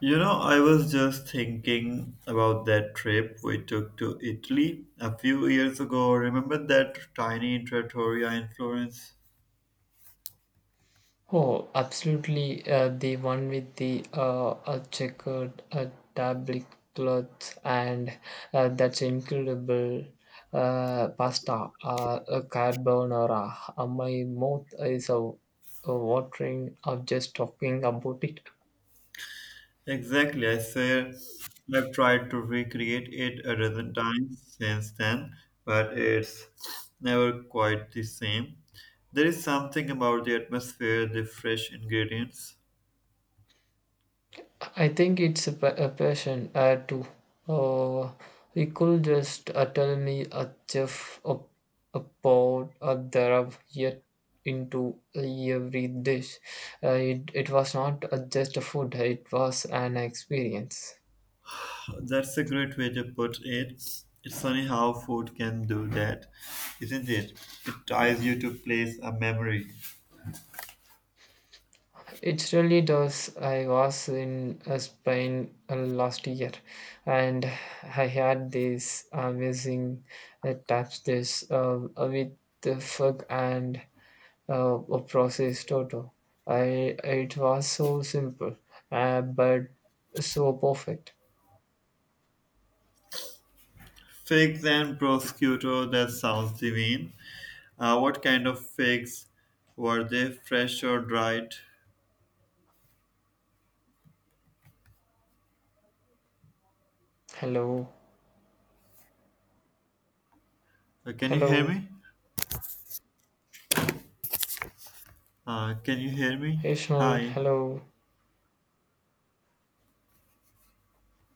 You know, I was just thinking about that trip we took to Italy a few years ago. Remember that tiny trattoria in Florence? Oh, absolutely. The one with the checkered tablecloth and that's incredible pasta, a carbonara. My mouth is watering of just talking about it. Exactly, I swear I've tried to recreate it a dozen times since then, but it's never quite the same. There is something about the atmosphere, the fresh ingredients. I think it's a passion too. Uh, he could just tell me a chef a pot a darab yet into every dish. It was not just a food, it was an experience. That's a great way to put it. It's funny how food can do that, isn't it? It ties you to place a memory. It really does. I was in Spain last year and I had this amazing tapes dish with the fog and a processed toto. I It was so simple, but so perfect. Figs and prosciutto, that sounds divine. What kind of figs? Were they fresh or dried? Hello, Can you hear hello, me? Can you hear me? hey Sean, Hi. hello,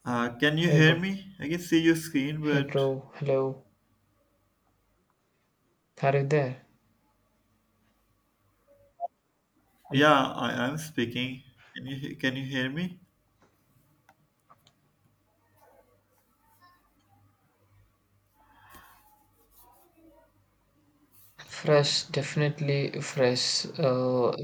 Can you hey hear bro, me? I can see your screen, hey but bro, hello. Are you there? Hel- yeah, I am speaking. Can you hear me? Fresh, definitely fresh. Uh,